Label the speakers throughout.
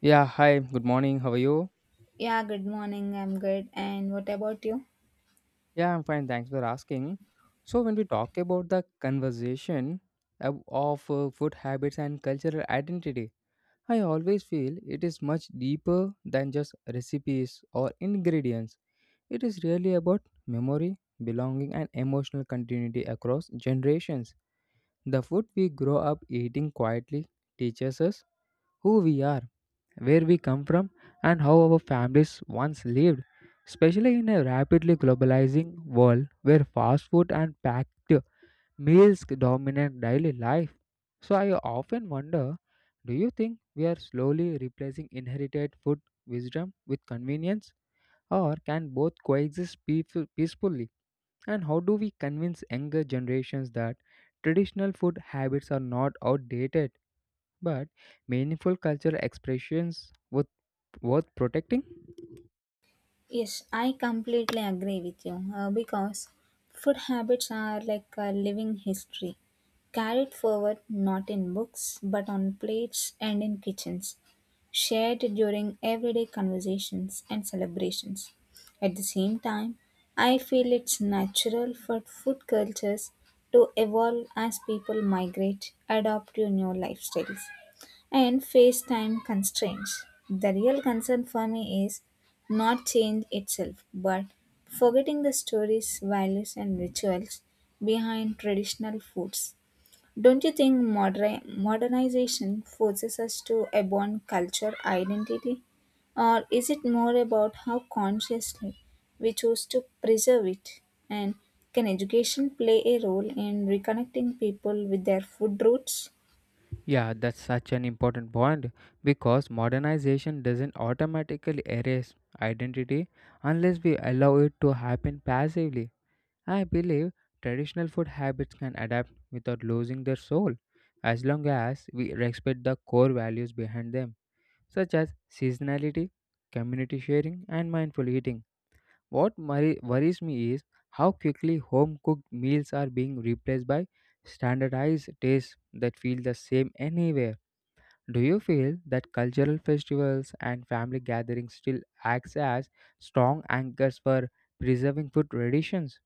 Speaker 1: Yeah, hi, good morning. How are you?
Speaker 2: Yeah, good morning. I'm good. And what about you?
Speaker 1: Yeah, I'm fine. Thanks for asking. So, when we talk about the conversation of food habits and cultural identity, I always feel it is much deeper than just recipes or ingredients. It is really about memory, belonging, and emotional continuity across generations. The food we grow up eating quietly teaches us who we are, where we come from, and how our families once lived, especially in a rapidly globalizing world where fast food and packed meals dominate daily life. So, I often wonder, do you think we are slowly replacing inherited food wisdom with convenience, or can both coexist peacefully? And how do we convince younger generations that traditional food habits are not outdated but meaningful cultural expressions with worth protecting?
Speaker 2: Yes, I completely agree with you, because food habits are like a living history, carried forward not in books but on plates and in kitchens, shared during everyday conversations and celebrations. At the same time, I feel it's natural for food cultures to evolve as people migrate, adapt to new lifestyles and face time constraints. The real concern for me is not change itself, but forgetting the stories, values, and rituals behind traditional foods. Don't you think modernization forces us to abandon culture identity? Or is it more about how consciously we choose to preserve it? And can education play a role in reconnecting people with their food roots?
Speaker 1: Yeah, that's such an important point because modernization doesn't automatically erase identity unless we allow it to happen passively. I believe traditional food habits can adapt without losing their soul as long as we respect the core values behind them, such as seasonality, community sharing, and mindful eating. What worries me is how quickly home cooked meals are being replaced by standardized tastes that feel the same anywhere. Do you feel that cultural festivals and family gatherings still acts as strong anchors for preserving food traditions?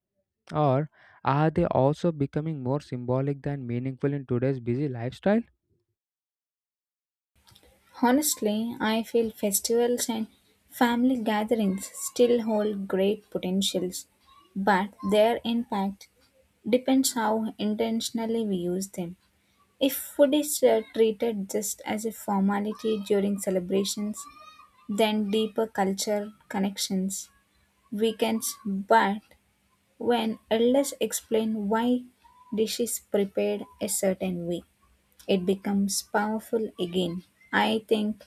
Speaker 1: Or are they also becoming more symbolic than meaningful in today's busy lifestyle?
Speaker 2: Honestly, I feel festivals and family gatherings still hold great potentials, but their impact depends how intentionally we use them. If food is treated just as a formality during celebrations, then deeper culture connections weakens. But when elders explain why dish is prepared a certain way, it becomes powerful again. I think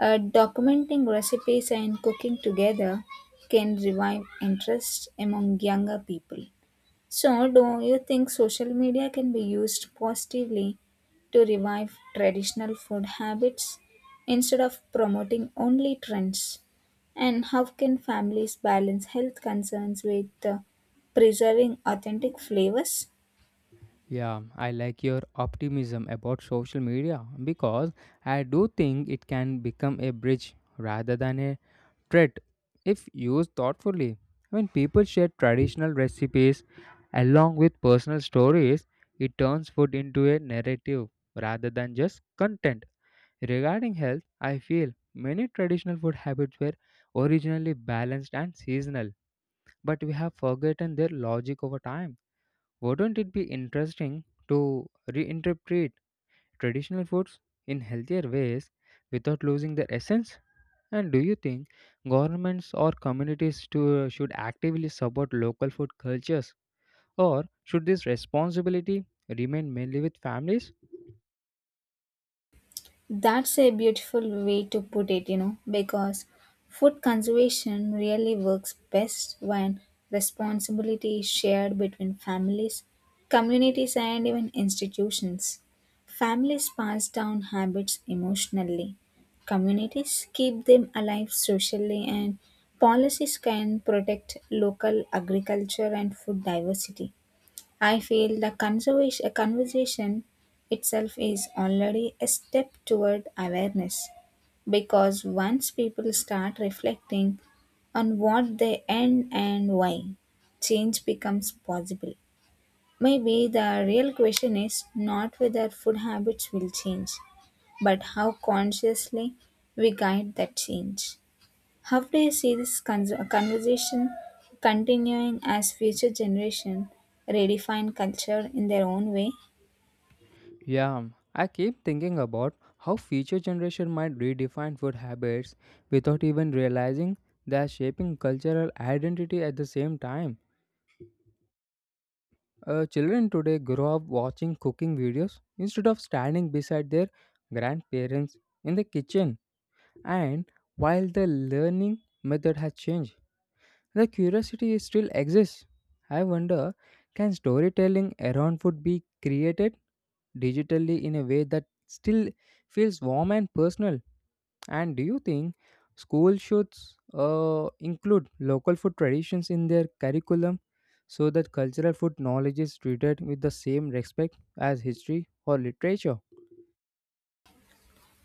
Speaker 2: documenting recipes and cooking together can revive interest among younger people. So, do you think social media can be used positively to revive traditional food habits instead of promoting only trends? And how can families balance health concerns with, preserving authentic flavors?
Speaker 1: Yeah, I like your optimism about social media because I do think it can become a bridge rather than a treat if used thoughtfully. When people share traditional recipes along with personal stories, it turns food into a narrative rather than just content. Regarding health, I feel many traditional food habits were originally balanced and seasonal, but we have forgotten their logic over time. Wouldn't it be interesting to reinterpret traditional foods in healthier ways without losing their essence? And do you think governments or communities should actively support local food cultures, or should this responsibility remain mainly with families?
Speaker 2: That's a beautiful way to put it, you know, because food conservation really works best when responsibility is shared between families, communities, and even institutions. Families pass down habits emotionally, communities keep them alive socially, and policies can protect local agriculture and food diversity. I feel the conversation itself is already a step toward awareness because once people start reflecting on what they end and why, change becomes possible. Maybe the real question is not whether food habits will change, but how consciously we guide that change. How do you see this conversation continuing as future generation redefine culture in their own way?
Speaker 1: Yeah, I keep thinking about how future generation might redefine food habits without even realizing they are shaping cultural identity at the same time. Children today grow up watching cooking videos instead of standing beside their grandparents in the kitchen. And while the learning method has changed, the curiosity still exists. I wonder, can storytelling around food be created digitally in a way that still feels warm and personal? And do you think schools should include local food traditions in their curriculum so that cultural food knowledge is treated with the same respect as history or literature?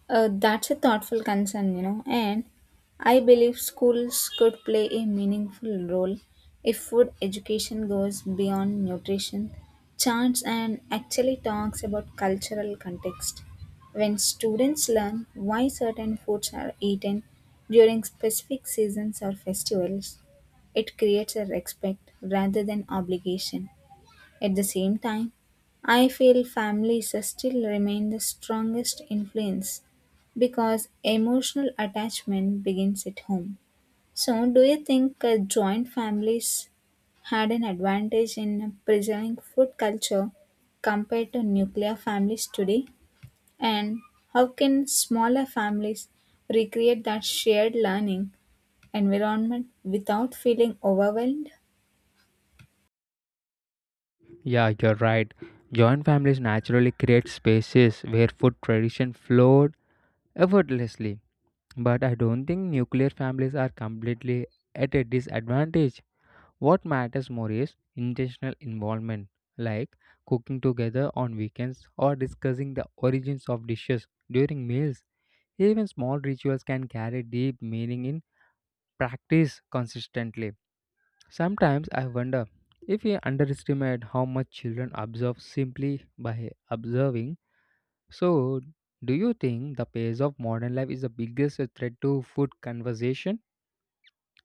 Speaker 2: That's a thoughtful concern, you know, and I believe schools could play a meaningful role if food education goes beyond nutrition, charts, and actually talks about cultural context. When students learn why certain foods are eaten during specific seasons or festivals, it creates a respect rather than obligation. At the same time, I feel families still remain the strongest influence because emotional attachment begins at home. So, do you think, joint families had an advantage in preserving food culture compared to nuclear families today? And how can smaller families recreate that shared learning environment without feeling overwhelmed?
Speaker 1: Yeah, you're right. Joint families naturally create spaces where food tradition flowed effortlessly. But I don't think nuclear families are completely at a disadvantage. What matters more is intentional involvement, like cooking together on weekends or discussing the origins of dishes during meals. Even small rituals can carry deep meaning in practice consistently. Sometimes I wonder if we underestimate how much children observe simply by observing. So, do you think the pace of modern life is the biggest threat to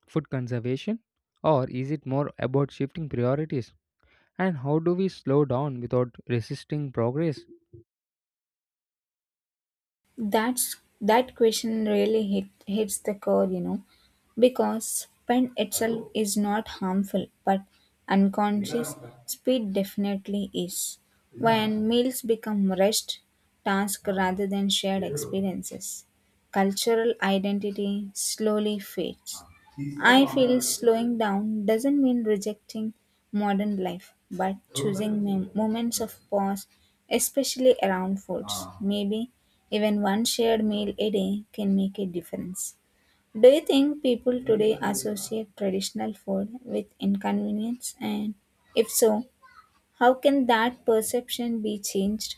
Speaker 1: food conservation, or is it more about shifting priorities? And how do we slow down without resisting progress?
Speaker 2: That question really hits the core, you know, because pen itself is not harmful, but unconscious speed definitely is. When meals become rushed task rather than shared experiences, cultural identity slowly fades. I feel slowing down doesn't mean rejecting modern life, but choosing moments of pause, especially around foods. Maybe even one shared meal a day can make a difference. Do you think people today associate traditional food with inconvenience? And if so, how can that perception be changed?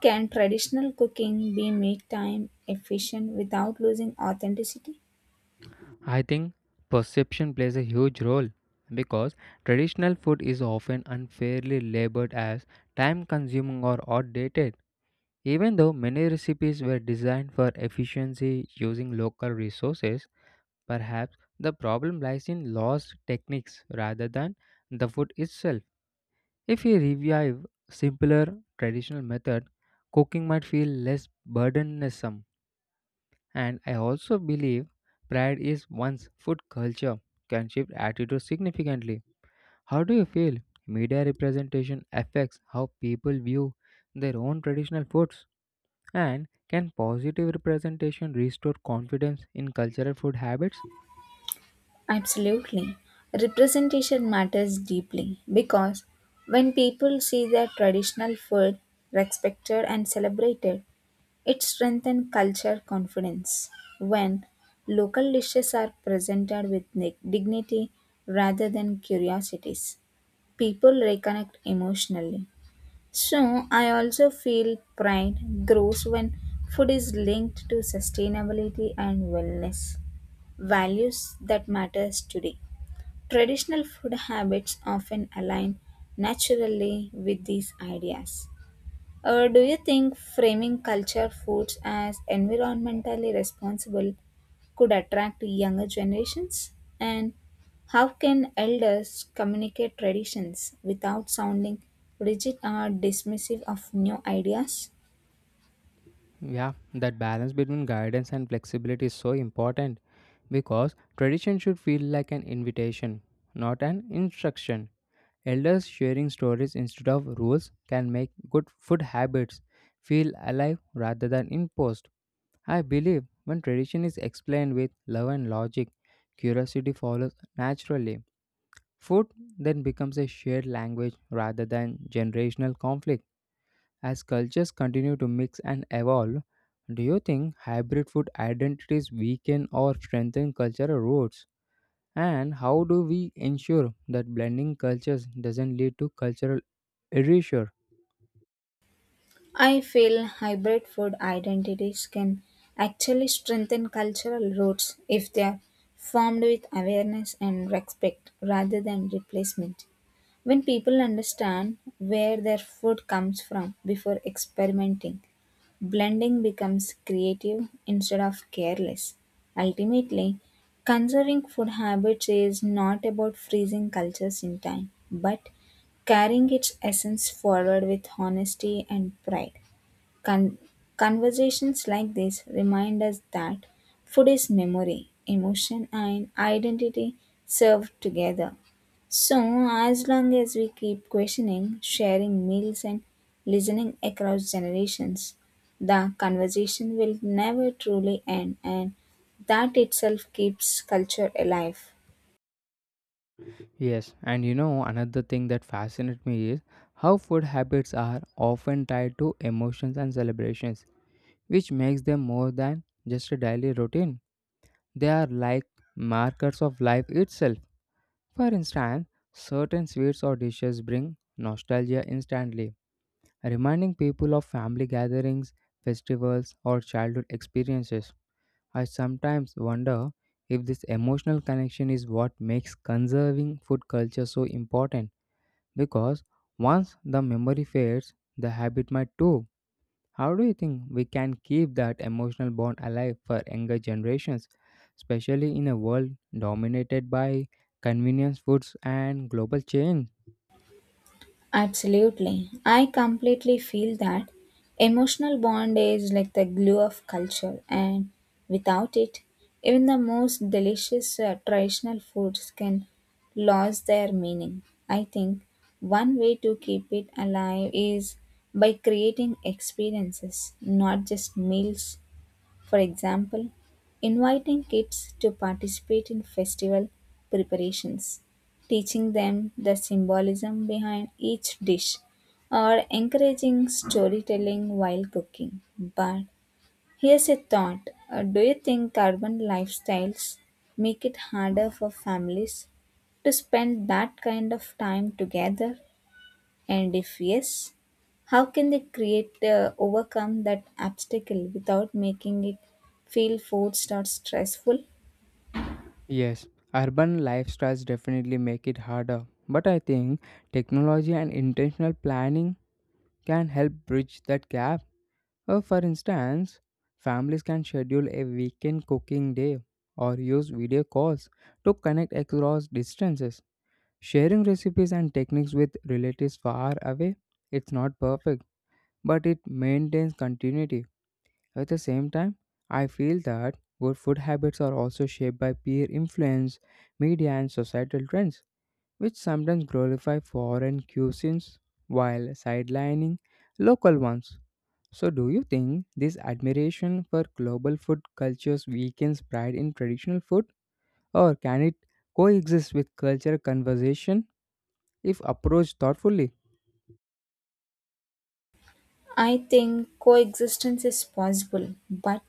Speaker 2: Can traditional cooking be made time efficient without losing authenticity?
Speaker 1: I think perception plays a huge role because traditional food is often unfairly labored as time consuming or outdated. Even though many recipes were designed for efficiency using local resources, perhaps the problem lies in lost techniques rather than the food itself. If we revive simpler traditional method, cooking might feel less burdensome. And I also believe pride is one's food culture can shift attitudes significantly. How do you feel media representation affects how people view their own traditional foods? And can positive representation restore confidence in cultural food habits?
Speaker 2: Absolutely. Representation matters deeply because when people see their traditional food respected and celebrated, it strengthens culture confidence. When local dishes are presented with dignity rather than curiosities, people reconnect emotionally. So, I also feel pride grows when food is linked to sustainability and wellness, values that matters today. Traditional food habits often align naturally with these ideas. Do you think framing culture foods as environmentally responsible could attract younger generations? And how can elders communicate traditions without sounding rigid or dismissive of new ideas?
Speaker 1: Yeah, that balance between guidance and flexibility is so important because tradition should feel like an invitation, not an instruction. Elders sharing stories instead of rules can make good food habits feel alive rather than imposed. I believe when tradition is explained with love and logic, curiosity follows naturally. Food then becomes a shared language rather than generational conflict. As cultures continue to mix and evolve, do you think hybrid food identities weaken or strengthen cultural roots? And how do we ensure that blending cultures doesn't lead to cultural erasure?
Speaker 2: I feel hybrid food identities can actually strengthen cultural roots if they are formed with awareness and respect rather than replacement. When people understand where their food comes from before experimenting, blending becomes creative instead of careless. Ultimately, conserving food habits is not about freezing cultures in time, but carrying its essence forward with honesty and pride. Con- Conversations like this remind us that food is memory, emotion, and identity served together. So, as long as we keep questioning, sharing meals, and listening across generations, the conversation will never truly end, and that itself keeps culture alive.
Speaker 1: Yes, and you know, another thing that fascinates me is how food habits are often tied to emotions and celebrations, which makes them more than just a daily routine. They are like markers of life itself. For instance, certain sweets or dishes bring nostalgia instantly, reminding people of family gatherings, festivals, or childhood experiences. I sometimes wonder if this emotional connection is what makes conserving food culture so important, because once the memory fades, the habit might too. How do you think we can keep that emotional bond alive for younger generations, especially in a world dominated by convenience foods and global change?
Speaker 2: Absolutely. I completely feel that emotional bond is like the glue of culture, and without it, even the most delicious traditional foods can lose their meaning. I think one way to keep it alive is by creating experiences, not just meals. For example, inviting kids to participate in festival preparations, teaching them the symbolism behind each dish, or encouraging storytelling while cooking. But here's a thought. Do you think urban lifestyles make it harder for families to spend that kind of time together? And if yes, how can they create, overcome that obstacle without making it feel forced or stressful?
Speaker 1: Yes, urban lifestyles definitely make it harder, but I think technology and intentional planning can help bridge that gap. For instance, families can schedule a weekend cooking day or use video calls to connect across distances. Sharing recipes and techniques with relatives far away, it's not perfect, but it maintains continuity. At the same time, I feel that good food habits are also shaped by peer influence, media, and societal trends, which sometimes glorify foreign cuisines while sidelining local ones. So, do you think this admiration for global food cultures weakens pride in traditional food, or can it coexist with cultural conversation if approached thoughtfully?
Speaker 2: I think coexistence is possible, but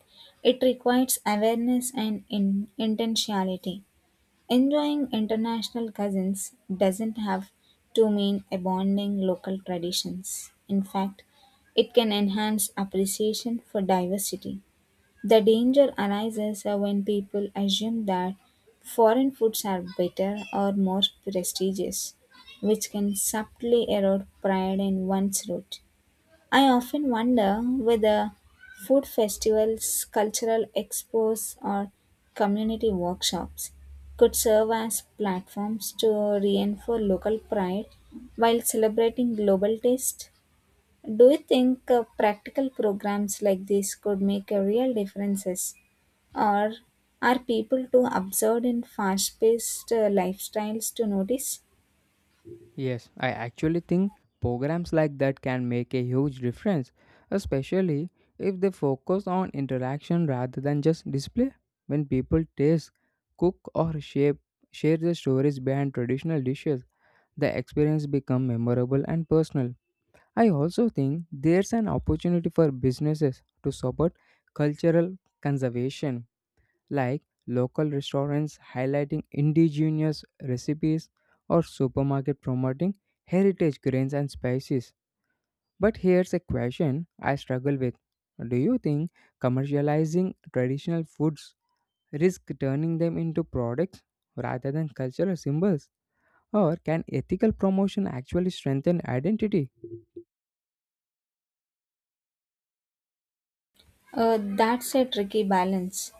Speaker 2: it requires awareness and intentionality. Enjoying international cousins doesn't have to mean abandoning local traditions. In fact, it can enhance appreciation for diversity. The danger arises when people assume that foreign foods are better or more prestigious, which can subtly erode pride in one's root. I often wonder whether food festivals, cultural expos, or community workshops could serve as platforms to reinforce local pride while celebrating global taste. Do you think, practical programs like this could make a real differences? Or are people too absorbed in fast paced lifestyles to notice?
Speaker 1: Yes, I actually think programs like that can make a huge difference, especially if they focus on interaction rather than just display. When people taste, cook, or shape, share the stories behind traditional dishes, the experience becomes memorable and personal. I also think there's an opportunity for businesses to support cultural conservation, like local restaurants highlighting indigenous recipes or supermarket promoting heritage grains and spices. But here's a question I struggle with. Do you think commercializing traditional foods risk turning them into products rather than cultural symbols? Or can ethical promotion actually strengthen identity?
Speaker 2: That's a tricky balance.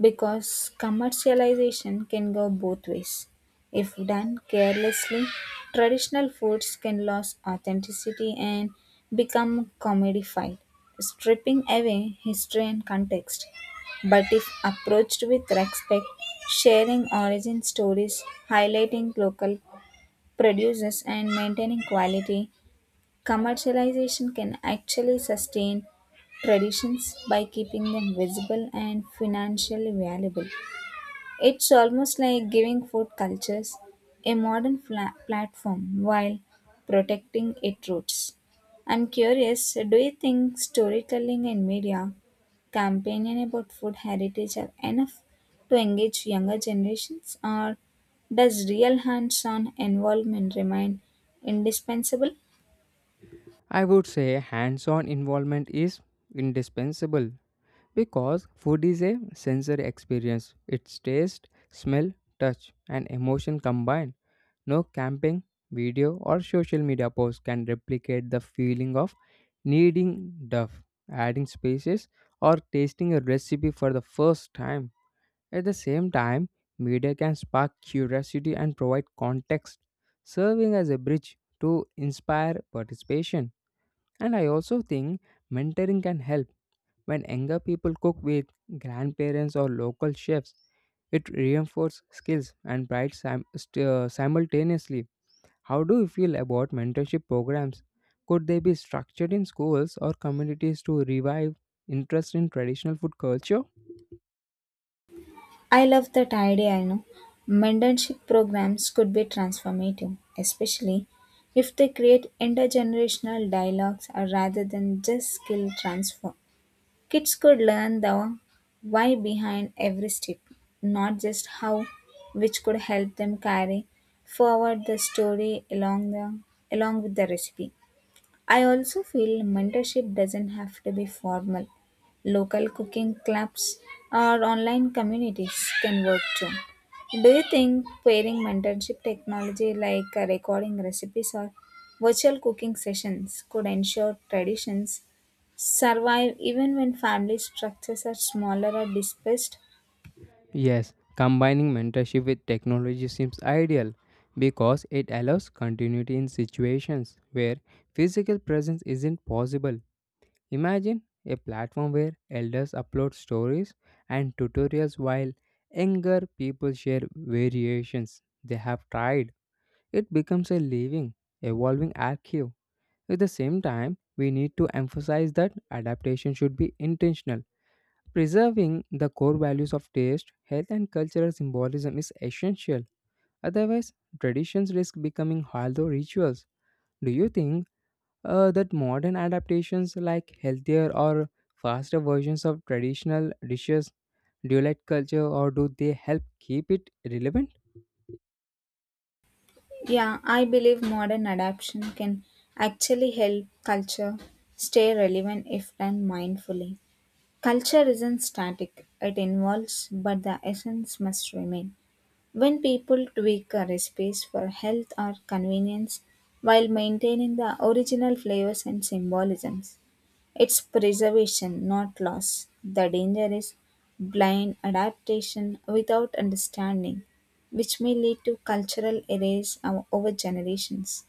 Speaker 2: Because commercialization can go both ways. If done carelessly, traditional foods can lose authenticity and become commodified, stripping away history and context. But if approached with respect, sharing origin stories, highlighting local producers, and maintaining quality, commercialization can actually sustain traditions by keeping them visible and financially valuable. It's almost like giving food cultures a modern platform while protecting its roots. I'm curious, do you think storytelling and media campaigning about food heritage are enough to engage younger generations, or does real hands on involvement remain indispensable?
Speaker 1: I would say hands on involvement is indispensable because food is a sensory experience. It's taste, smell, touch, and emotion combined. No camping, video, or social media posts can replicate the feeling of kneading duff, adding spices, or tasting a recipe for the first time. At the same time, media can spark curiosity and provide context, serving as a bridge to inspire participation. And I also think mentoring can help when younger people cook with grandparents or local chefs. It reinforces skills and pride simultaneously. How do you feel about mentorship programs? Could they be structured in schools or communities to revive interest in traditional food culture?
Speaker 2: I love that idea, I know. Mentorship programs could be transformative, especially if they create intergenerational dialogues, rather than just skill transfer. Kids could learn the why behind every step, not just how, which could help them carry forward the story along with the recipe. I also feel mentorship doesn't have to be formal. Local cooking clubs or online communities can work too. Do you think pairing mentorship technology like, recording recipes or virtual cooking sessions could ensure traditions survive even when family structures are smaller or dispersed?
Speaker 1: Yes, combining mentorship with technology seems ideal because it allows continuity in situations where physical presence isn't possible. Imagine a platform where elders upload stories and tutorials while younger people share variations they have tried. It becomes a living, evolving archive. At the same time, we need to emphasize that adaptation should be intentional. Preserving the core values of taste, health, and cultural symbolism is essential. Otherwise, traditions risk becoming hollow rituals. Do you think that modern adaptations like healthier or faster versions of traditional dishes dilute culture, or do they help keep it relevant?
Speaker 2: Yeah, I believe modern adaptation can actually help culture stay relevant if done mindfully. Culture isn't static, it evolves, but the essence must remain. When people tweak a recipes for health or convenience while maintaining the original flavors and symbolisms, it's preservation, not loss. The danger is blind adaptation without understanding, which may lead to cultural over generations.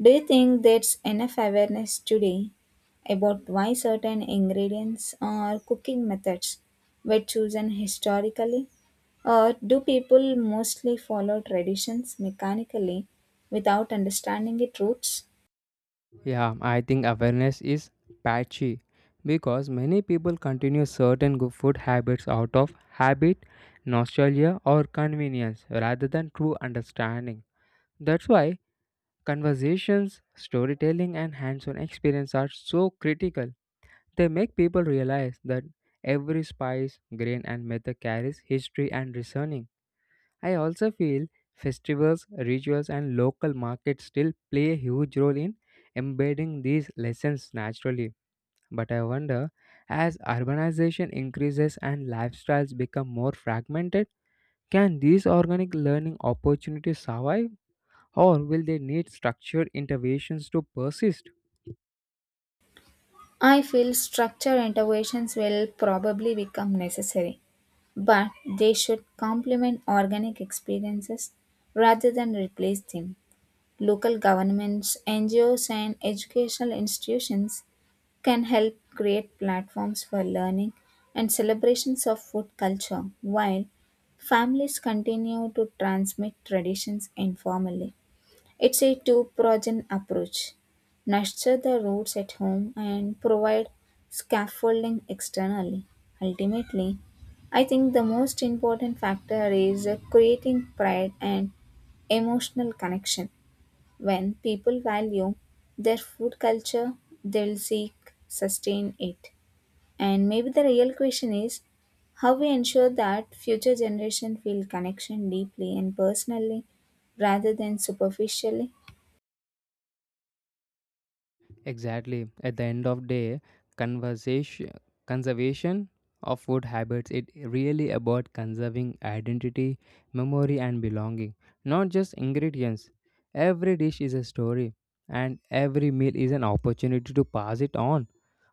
Speaker 2: Do you think there's enough awareness today about why certain ingredients or cooking methods were chosen historically? Or do people mostly follow traditions mechanically without understanding its roots?
Speaker 1: Yeah, I think awareness is patchy because many people continue certain good food habits out of habit, nostalgia, or convenience rather than true understanding. That's why conversations, storytelling, and hands on experience are so critical. They make people realize that every spice, grain, and method carries history and reasoning. I also feel festivals, rituals, and local markets still play a huge role in embedding these lessons naturally. But I wonder, as urbanization increases and lifestyles become more fragmented, can these organic learning opportunities survive, or will they need structured interventions to persist?
Speaker 2: I feel structure interventions will probably become necessary, but they should complement organic experiences rather than replace them. Local governments, NGOs, and educational institutions can help create platforms for learning and celebrations of food culture while families continue to transmit traditions informally. It's a two pronged approach. Nurture the roots at home and provide scaffolding externally. Ultimately, I think the most important factor is, creating pride and emotional connection. When people value their food culture, they'll seek sustain it. And maybe the real question is how we ensure that future generation feel connection deeply and personally rather than superficially.
Speaker 1: Exactly. At the end of day, conversation conservation of food habits, it really about conserving identity, memory and belonging, not just ingredients. Every dish is a story and every meal is an opportunity to pass it on.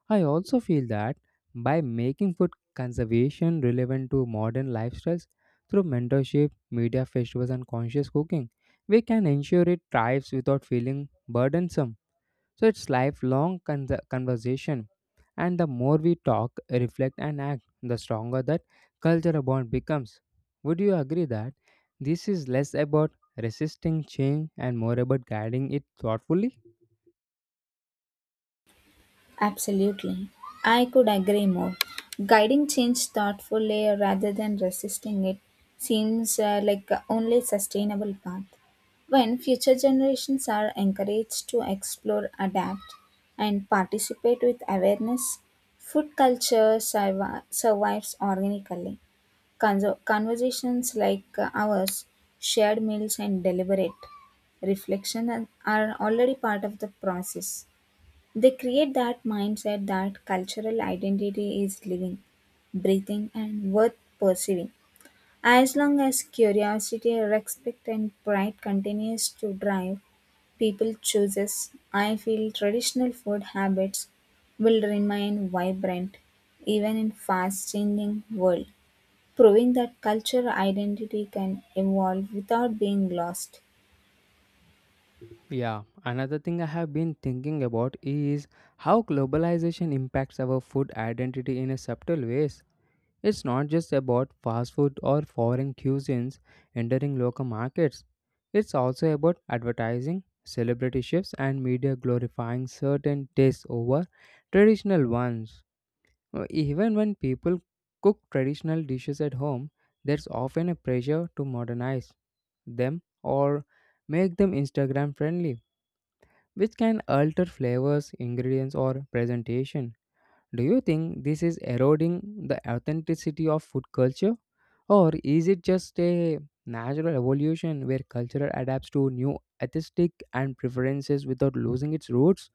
Speaker 1: I also feel that by making food conservation relevant to modern lifestyles through mentorship, media festivals and conscious cooking, we can ensure it thrives without feeling burdensome. So it's lifelong conversation. And the more we talk, reflect, and act, the stronger that cultural bond becomes. Would you agree that this is less about resisting change and more about guiding it thoughtfully?
Speaker 2: Absolutely. I could agree more. Guiding change thoughtfully rather than resisting it seems, like the only sustainable path. When future generations are encouraged to explore, adapt, and participate with awareness, food culture survives organically. Conversations like, ours, shared meals, and deliberate reflection are already part of the process. They create that mindset that cultural identity is living, breathing, and worth pursuing. As long as curiosity, respect, and pride continues to drive people choices, I feel traditional food habits will remain vibrant even in fast-changing world, proving that cultural identity can evolve without being lost.
Speaker 1: Yeah, another thing I have been thinking about is how globalization impacts our food identity in a subtle ways. It's not just about fast food or foreign cuisines entering local markets. It's also about advertising, celebrity chefs, and media glorifying certain tastes over traditional ones. Even when people cook traditional dishes at home, there's often a pressure to modernize them or make them Instagram friendly, which can alter flavors, ingredients, or presentation. Do you think this is eroding the authenticity of food culture? Or is it just a natural evolution where culture adapts to new aesthetic and preferences without losing its roots?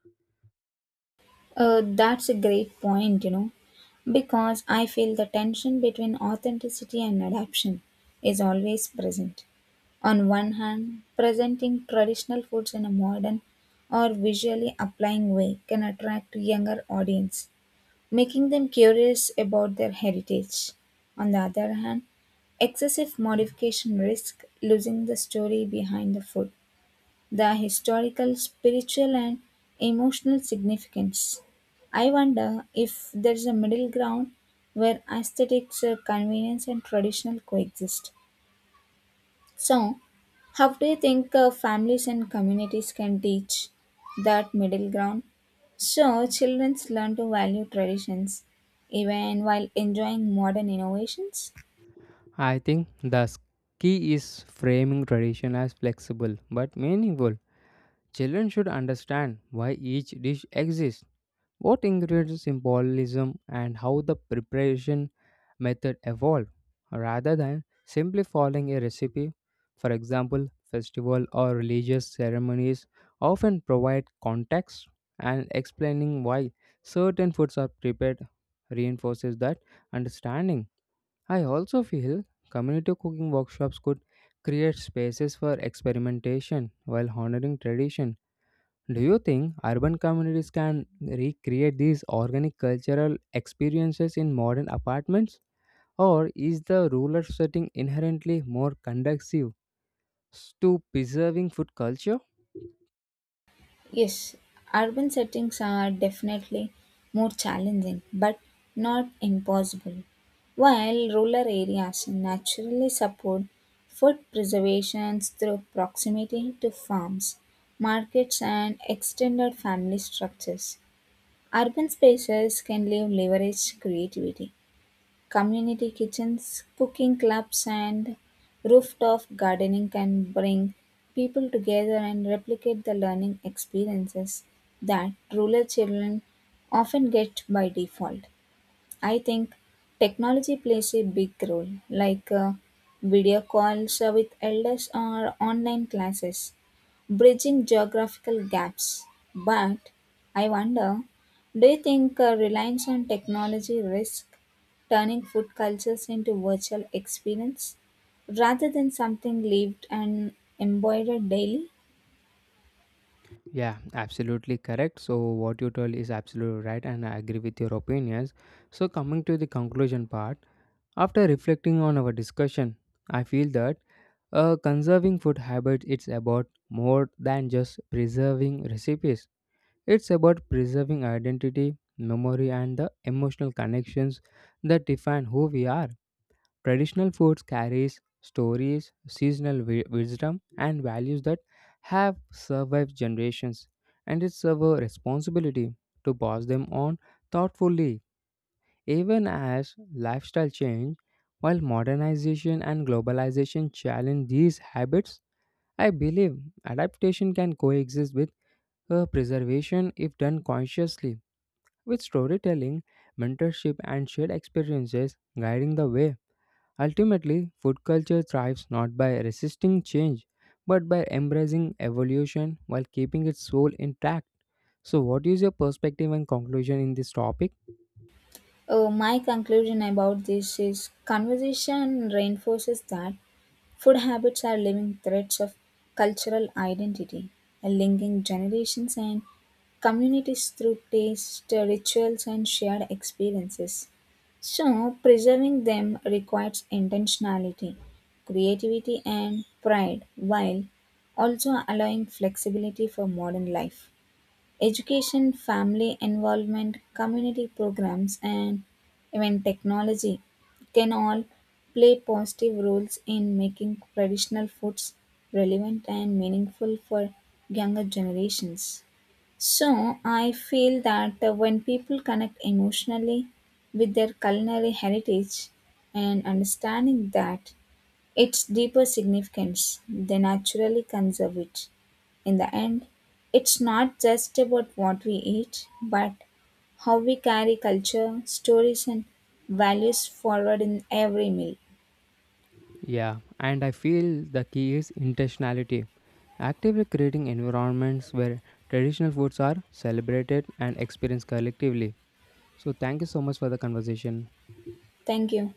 Speaker 2: That's a great point, you know, because I feel the tension between authenticity and adaptation is always present. On one hand, presenting traditional foods in a modern or visually applying way can attract younger audience, making them curious about their heritage. On the other hand, excessive modification risks losing the story behind the food, the historical, spiritual, and emotional significance. I wonder if there is a middle ground where aesthetics, convenience, and traditional coexist. So, how do you think, families and communities can teach that middle ground? So, children learn to value traditions even while enjoying modern innovations.
Speaker 1: I think key is framing tradition as flexible but meaningful. Children should understand why each dish exists, what ingredients symbolism, and how the preparation method evolve rather than simply following a recipe. For example, festival or religious ceremonies often provide context, and explaining why certain foods are prepared reinforces that understanding. I also feel community cooking workshops could create spaces for experimentation while honoring tradition. Do you think urban communities can recreate these organic cultural experiences in modern apartments? Or is the rural setting inherently more conducive to preserving food culture?
Speaker 2: Yes, urban settings are definitely more challenging, but not impossible. While rural areas naturally support food preservation through proximity to farms, markets, and extended family structures, urban spaces can leave leverage creativity. Community kitchens, cooking clubs, and rooftop gardening can bring people together and replicate the learning experiences that rural children often get by default. I think technology plays a big role, like, video calls, with elders or online classes, bridging geographical gaps. But I wonder, do you think, reliance on technology risks turning food cultures into virtual experience rather than something lived and embodied daily?
Speaker 1: Yeah, absolutely correct. So, what you told is absolutely right, and I agree with your opinions. So, coming to the conclusion part, after reflecting on our discussion, I feel that conserving food habits, it's about more than just preserving recipes. It's about preserving identity, memory, and the emotional connections that define who we are. Traditional foods carries stories, wisdom, and values that have survived generations, and it's our responsibility to pass them on thoughtfully. Even as lifestyle change, while modernization and globalization challenge these habits, I believe adaptation can coexist with preservation if done consciously, with storytelling, mentorship, and shared experiences guiding the way. Ultimately, food culture thrives not by resisting change, but by embracing evolution while keeping its soul intact. So, what is your perspective and conclusion in this topic?
Speaker 2: Oh, my conclusion about this is conversation reinforces that food habits are living threads of cultural identity, linking generations and communities through taste, rituals, and shared experiences. So, preserving them requires intentionality, creativity, and pride, while also allowing flexibility for modern life. Education, family involvement, community programs, and even technology can all play positive roles in making traditional foods relevant and meaningful for younger generations. So, I feel that, when people connect emotionally with their culinary heritage and understanding that its deeper significance, they naturally conserve it. In the end, it's not just about what we eat, but how we carry culture, stories, and values forward in every meal.
Speaker 1: Yeah, and I feel the key is intentionality. Actively creating environments where traditional foods are celebrated and experienced collectively. So, thank you so much for the conversation.
Speaker 2: Thank you.